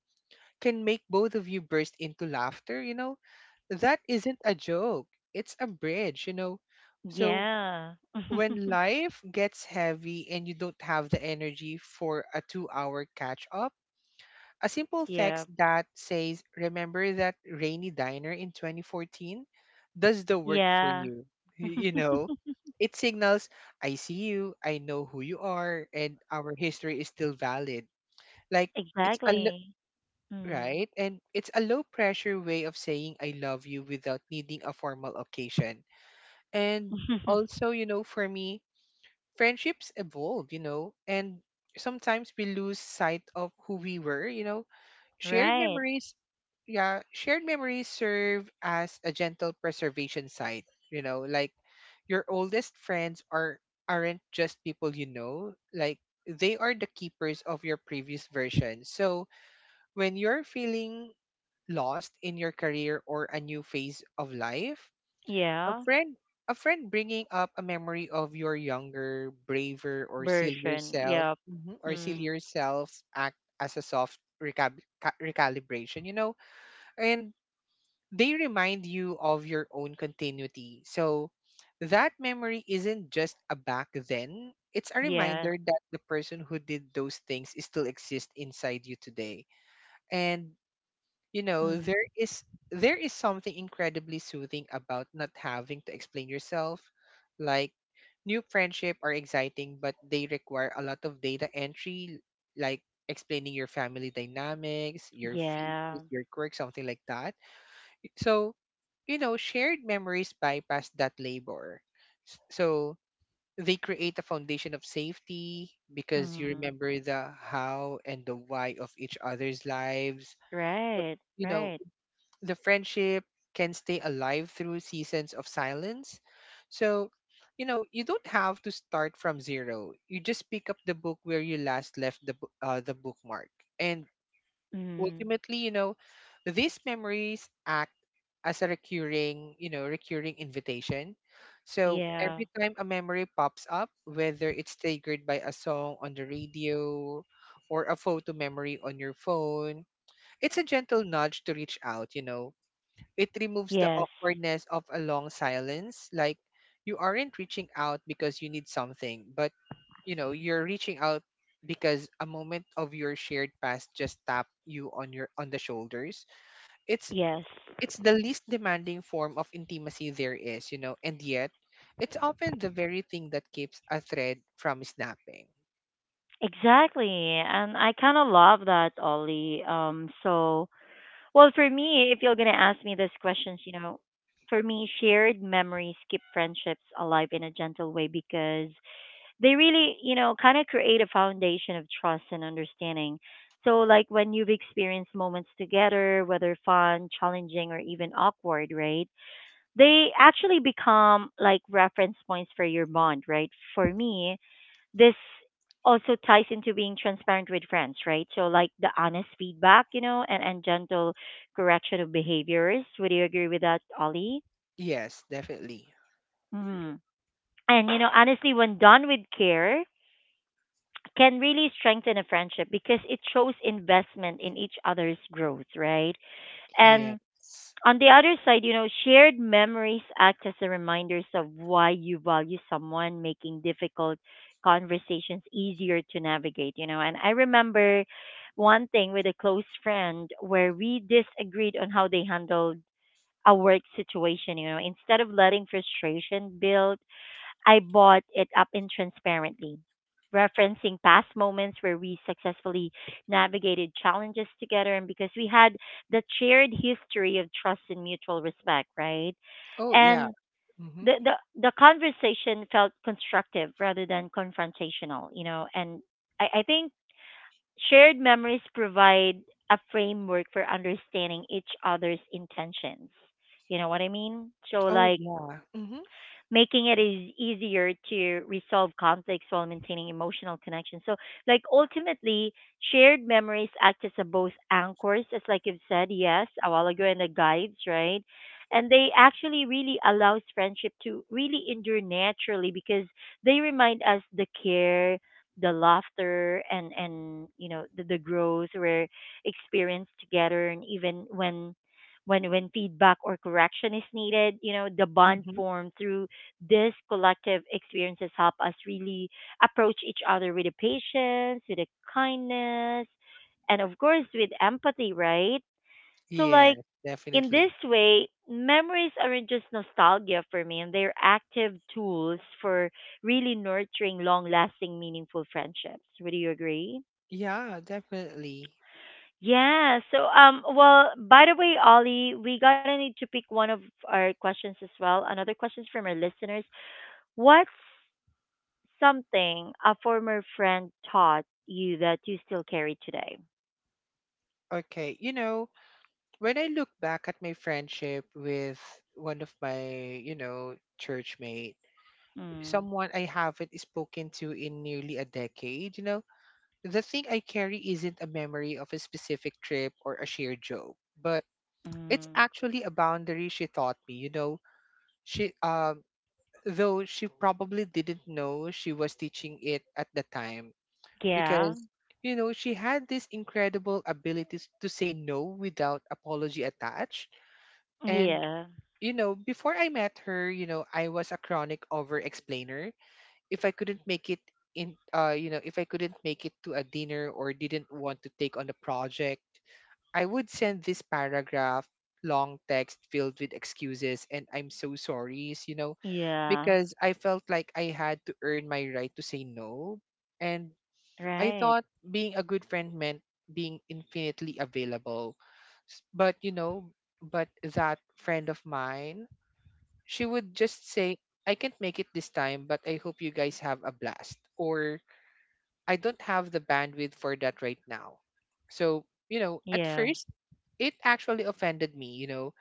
B: can make both of you burst into laughter. That isn't a joke. It's a bridge. So
A: Yeah.
B: when
A: (laughs)
B: life gets heavy and you don't have the energy for a 2-hour catch up, a simple
A: yeah.
B: text that says, "Remember that rainy diner in 2014," does the work for
A: Yeah.
B: you. Y- You
A: (laughs)
B: know, it signals, "I see you, I know who you are, and our history is still valid." Like, it's a lo-
A: Exactly. Mm.
B: right, and it's a low pressure way of saying I love you without needing a formal occasion. And
A: (laughs)
B: also, for me, friendships evolve, and sometimes we lose sight of who we were. Shared
A: right.
B: memories, yeah, shared memories serve as a gentle preservation site, like your oldest friends aren't just people you know. Like, they are the keepers of your previous version. So when you're feeling lost in your career or a new phase of life, a
A: Yeah.
B: friend a friend bringing up a memory of your younger, braver, or sillier
A: Version.
B: self
A: Yep.
B: mhm, or
A: Mm.
B: sillier self act as a soft recalibration. And they remind you of your own continuity. So that memory isn't just a back then, it's a
A: Yes.
B: reminder that the person who did those things still exists inside you today. And you know
A: Mm.
B: there is there is something incredibly soothing about not having to explain yourself. Like, new friendship are exciting, but they require a lot of data entry, like explaining your family dynamics, your fears,
A: Yeah.
B: your quirks, something like that. So, shared memories bypass that labor. So they create a foundation of safety because you
A: Mm.
B: remember the how and the why of each other's lives. But,
A: Right.
B: you know
A: Right.
B: the friendship can stay alive through seasons of silence. So, you don't have to start from zero. You just pick up the book where you last left the bookmark, and
A: Mm.
B: ultimately, these memories act as a recurring invitation. So
A: Yeah.
B: every time a memory pops up, whether it's triggered by a song on the radio or a photo memory on your phone, it's a gentle nudge to reach out. It removes the
A: Yes.
B: awkwardness of a long silence. Like, you aren't reaching out because you need something, but, you're reaching out because a moment of your shared past just tapped you on the shoulders. It's
A: Yes.
B: it's the least demanding form of intimacy there is, and yet it's often the very thing that keeps a thread from snapping.
A: Exactly. And I kind of love that, Ollie. So, well, for me, if you're going to ask me these questions, you know, for me, shared memories keep friendships alive in a gentle way because they really, you know, kind of create a foundation of trust and understanding. So, like when you've experienced moments together, whether fun, challenging, or even awkward, right? They actually become like reference points for your bond, right? For me, this also ties into being transparent with friends, right? So, like the honest feedback, you know, and gentle correction of behaviors. Would you agree with that, Ollie?
B: Yes, definitely.
A: Hmm. And, you know, honestly, when done with care, can really strengthen a friendship because it shows investment in each other's growth, right?
B: Yes.
A: And on the other side, you know, shared memories act as a reminders of why you value someone, making difficult conversations easier to navigate, you know. And I remember one thing with a close friend where we disagreed on how they handled a work situation, you know, instead of letting frustration build, I bought it up in transparently, referencing past moments where we successfully navigated challenges together, and because we had the shared history of trust and mutual respect, right?
B: Oh yeah.
A: And
B: Mm-hmm.
A: the the conversation felt constructive rather than confrontational, you know, and I think shared memories provide a framework for understanding each other's intentions. You know what I mean? So
B: Oh
A: like
B: yeah. Mm-hmm.
A: making it is easier to resolve conflicts while maintaining emotional connection. So, like ultimately, shared memories act as a both anchors, as like you've said, yes, a while ago, and the guides, right? And they actually really allows friendship to really endure naturally because they remind us the care, the laughter, and you know the growth we're experienced together, and even when when feedback or correction is needed, you know the bond
B: Mm-hmm.
A: formed through these collective experiences help us really approach each other with a patience, with a kindness, and of course with empathy, right? So like
B: Yes,
A: in
B: definitely.
A: this way, memories aren't just nostalgia for me, and they're active tools for really nurturing long-lasting, meaningful friendships. Would you agree?
B: Yeah, definitely.
A: Yeah. So, well, by the way, Ollie, we gotta need to pick one of our questions as well. Another questions from our listeners. What's something a former friend taught you that you still carry today?
B: Okay, when I look back at my friendship with one of my, church mate,
A: Mm,
B: someone I haven't spoken to in nearly a decade, the thing I carry isn't a memory of a specific trip or a shared joke, but it's
A: mm,
B: actually a boundary she taught me. She, though she probably didn't know she was teaching it at the time,
A: yeah,
B: because she had this incredible abilities to say no without apology attached. And
A: yeah,
B: before I met her, I was a chronic over explainer. If I couldn't make it in you know if I couldn't make it to a dinner or didn't want to take on a project, I would send this paragraph long text filled with excuses and I'm so sorries
A: yeah,
B: because I felt like I had to earn my right to say no. And I
A: right,
B: thought being a good friend meant being infinitely available. S- But, you know, but that friend of mine, she would just say, "I can't make it this time, but I hope you guys have a blast." Or, "I don't have the bandwidth for that right now." So, at
A: yeah,
B: first, it actually offended me. You know,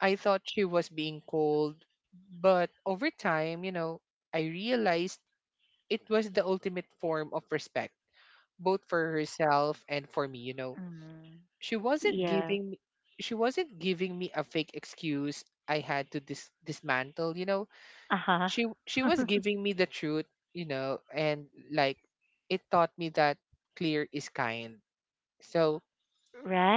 B: I thought she was being cold. But over time, I realized it was the ultimate form of respect both for herself and for me.
A: mm,
B: She wasn't
A: yeah,
B: giving me she wasn't giving me a fake excuse I had to dismantle.
A: uh
B: She
A: huh,
B: was
A: (laughs)
B: giving me the truth, and like it taught me that clear is kind. So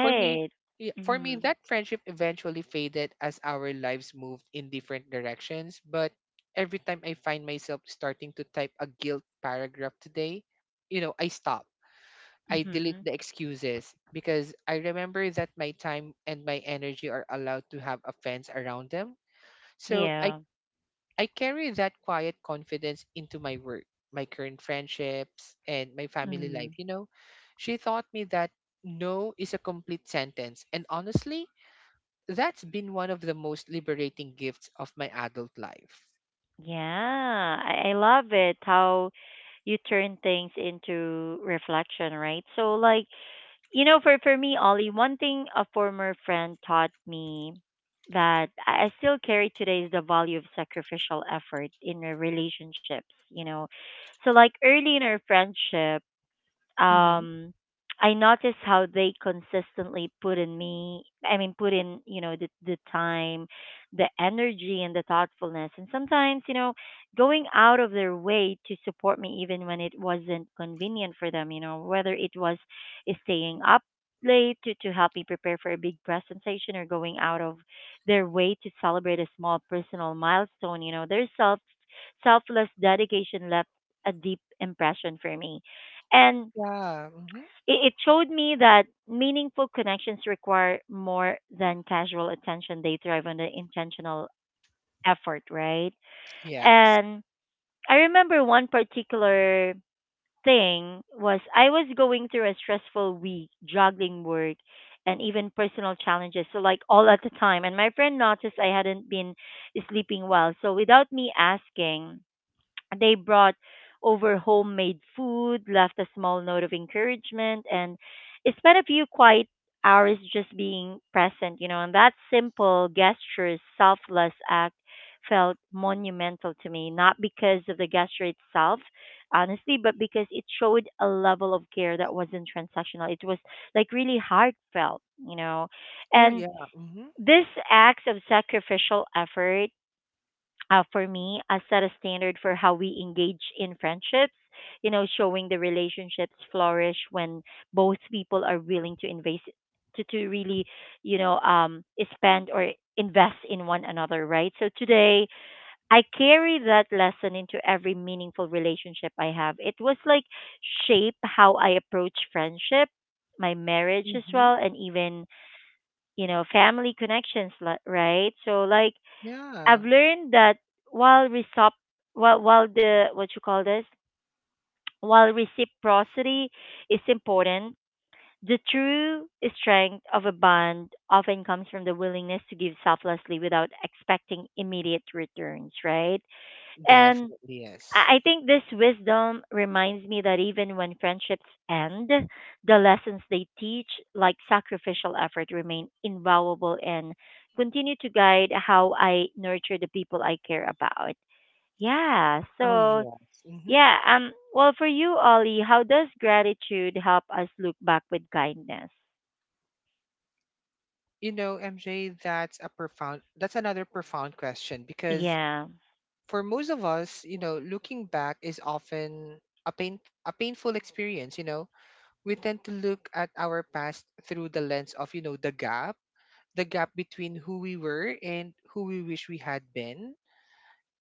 B: for me yeah, for me
A: Hmm.
B: that friendship eventually faded as our lives moved in different directions, but every time I find myself starting to type a guilt paragraph today, you know, I stop I delete
A: Hmm.
B: the excuses because I remember that my time and my energy are allowed to have a fence around them. So I,
A: Yeah.
B: I carry that quiet confidence into my work, my current friendships, and my family life.
A: Hmm.
B: She taught me that no is a complete sentence. And honestly, that's been one of the most liberating gifts of my adult life.
A: Yeah. I love it how you turn things into reflection, right? So, like, you know, for me, Ollie, one thing a former friend taught me that I still carry today is the value of sacrificial effort in our relationships. You know, so like early in our friendship,
B: Hmm.
A: um I noticed how they consistently put in me I mean put in, you know, the time, the energy and the thoughtfulness and sometimes, you know, going out of their way to support me even when it wasn't convenient for them, you know, whether it was staying up late to help me prepare for a big presentation or going out of their way to celebrate a small personal milestone, you know, their selfless dedication left a deep impression for me. And
B: Yeah. Hmm.
A: it showed me that meaningful connections require more than casual attention. They thrive on the intentional effort, right?
B: Yes.
A: And I remember one particular thing was I was going through a stressful week, juggling work and even personal challenges. So like all at the time. And my friend noticed I hadn't been sleeping well. So without me asking, they brought over homemade food, left a small note of encouragement, and spent a few quiet hours just being present, you know. And that simple gesture, selfless act, felt monumental to me, not because of the gesture itself, honestly, but because it showed a level of care that wasn't transactional. It was like really heartfelt, you know.
B: Oh,
A: And
B: yeah. Hmm.
A: this acts of sacrificial effort, for me, set a standard for how we engage in friendships, you know, showing the relationships flourish when both people are willing to invest, to really, you know, um, spend or invest in one another, right? So today I carry that lesson into every meaningful relationship I have. It was like shape how I approach friendship, my marriage as
B: Hmm.
A: well, and even, you know, family connections, li- right? So like I've
B: Yeah.
A: learned that while resop while the what you call this (tsk) while reciprocity is important, the true strength of a bond often comes from the willingness to give selflessly without expecting immediate returns, right? And I
B: Definitely, yes.
A: I think this wisdom reminds me that even when friendships end, the lessons they teach, like sacrificial effort, remain invaluable and continue to guide how I nurture the people I care about. Yeah.
B: Oh
A: So,
B: yes. Hmm.
A: yeah, well for you, Ollie, how does gratitude help us look back with kindness?
B: MJ, that's another profound question because
A: Yeah.
B: for most of us, looking back is often a pain a painful experience. We tend to look at our past through the lens of, the gap between who we were and who we wish we had been,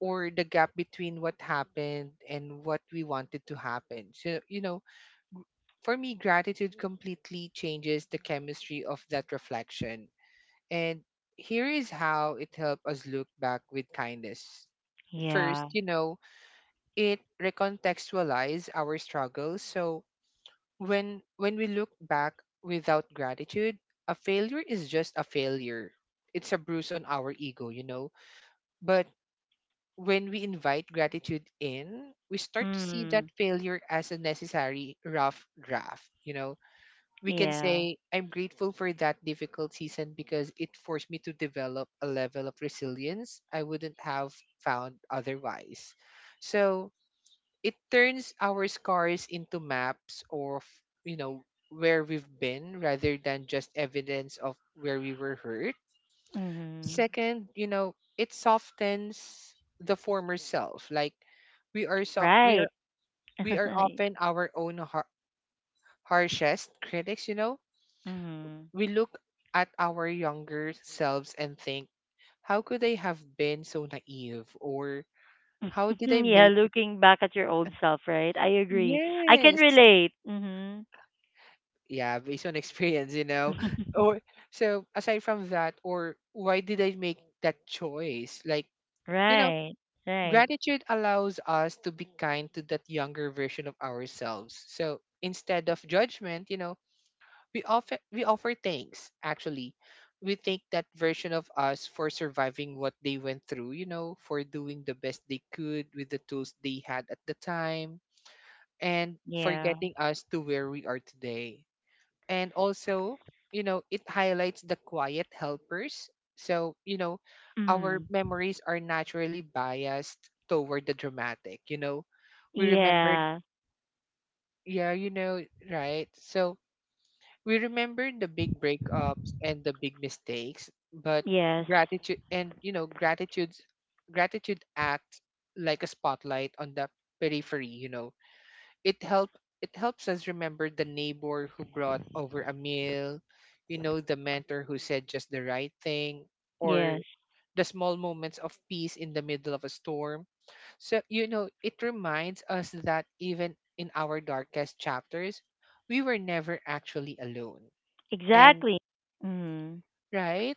B: or the gap between what happened and what we wanted to happen. So, for me, gratitude completely changes the chemistry of that reflection. And here is how it helped us look back with kindness. First,
A: Yeah.
B: it recontextualized our struggles. So when we look back without gratitude, a failure is just a failure. It's a bruise on our ego. But when we invite gratitude in, we start to see that
A: Mm.
B: failure as a necessary rough draft. We can
A: Yeah.
B: say, "I'm grateful for that difficult season because it forced me to develop a level of resilience I wouldn't have found otherwise." So it turns our scars into maps of, you know, where we've been rather than just evidence of where we were hurt.
A: Mhm.
B: Second, it softens the former self. Like, we are so
A: Right.
B: we are
A: (laughs)
B: often our own harshest critics, you know
A: mhm.
B: we look at our younger selves and think, "How could I have been so naive?" Or, "How
A: (laughs)
B: did I
A: yeah,
B: make it?"
A: looking back at your old self, right? I agree. I can
B: Yes.
A: relate. Mhm.
B: Yeah, based on (laughs) experience. Or
A: (laughs)
B: so aside from that, or why did I make that choice? Like, you know,
A: right. Right.
B: gratitude allows us to be kind to that younger version of ourselves. So instead of judgment, we offer thanks. Actually, we thank that version of us for surviving what they went through, for doing the best they could with the tools they had at the time, and for
A: Yeah.
B: getting us to where we are today. And also, it highlights the quiet helpers. So, our
A: Mm.
B: memories are naturally biased toward the dramatic, we remember,
A: Yeah.
B: yeah, right, so we remember the big breakups and the big mistakes. But
A: Yes.
B: gratitude and you know gratitude gratitude acts like a spotlight on the periphery. You know, it helps us remember the neighbor who brought over a meal, the mentor who said just the right thing,
A: Yes.
B: or the small moments of peace in the middle of a storm. So, it reminds us that even in our darkest chapters, we were never actually alone. And
A: Exactly. Mm.
B: right,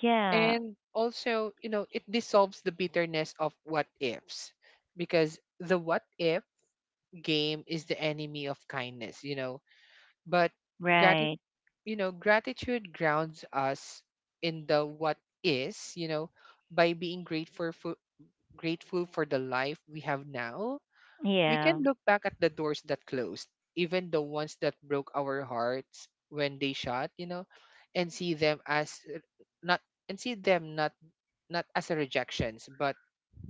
A: Yeah.
B: and also, it dissolves the bitterness of what ifs because the what if game is the enemy of kindness, but gratitude
A: Right.
B: you know gratitude grounds us in the what is, by being grateful for, the life we have now. We
A: Yeah.
B: can look back at the doors that closed, even the ones that broke our hearts when they shut, and not see them not as a rejections, but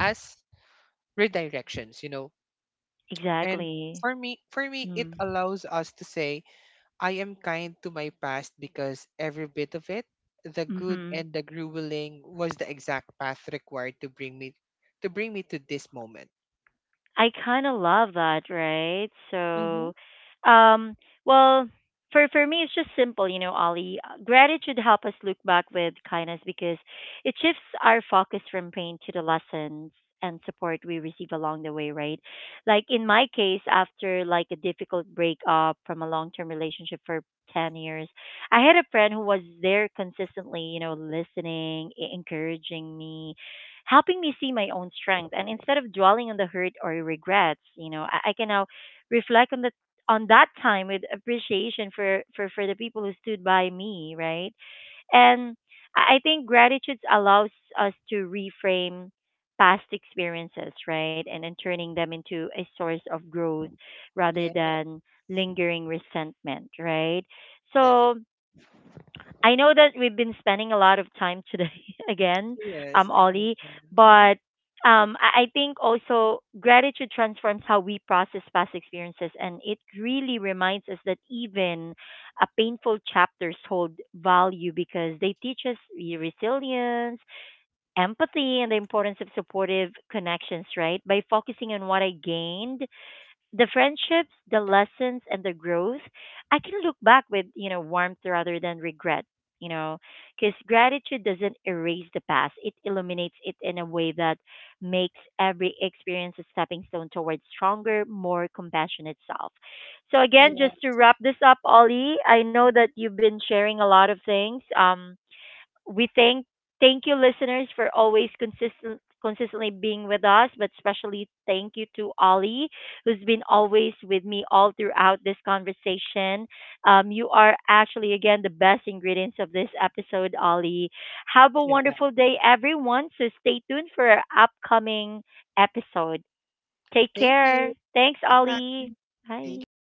B: as redirections. And
A: Exactly.
B: for me, it
A: Mm.
B: allows us to say, "I am kind to my past because every bit of it, the good
A: Mhm.
B: and the grueling, was the exact path required to bring me to this moment."
A: I kind of love that, right?
B: Mm-hmm.
A: So, um, well, for me, it's just simple, you know, Ollie. Uh, gratitude help us look back with kindness because it shifts our focus from pain to the lessons and support we receive along the way, right? Like in my case, after like a difficult breakup from a long term relationship for 10 years, I had a friend who was there consistently, you know, listening, e- encouraging me, helping me see my own strength. And instead of dwelling on the hurt or regrets, you know, I can now reflect on the on that time with appreciation for, for the people who stood by me, right? And I think gratitude allows us to reframe past experiences, right? And then turning them into a source of growth rather
B: Yeah,
A: than lingering resentment, right? So
B: definitely.
A: I know that we've been spending a lot of time today (laughs) again, Ollie, but I think also gratitude transforms how we process past experiences, and it really reminds us that even a painful chapters hold value because they teach us resilience, empathy, and the importance of supportive connections. Right? By focusing on what I gained, the friendships, the lessons, and the growth, I can look back with, you know, warmth rather than regret, you know, because gratitude doesn't erase the past. It illuminates it in a way that makes every experience a stepping stone towards stronger, more compassionate self. So again, just to wrap this up, Ollie, I know that you've been sharing a lot of things. We thank you listeners for always consistently being with us, but especially thank you to Ollie, who's been always with me all throughout this conversation. You are actually again the best ingredients of this episode, Ollie. Have a wonderful day, everyone. So stay tuned for our upcoming episode. Take care. Thanks, Ollie. Bye.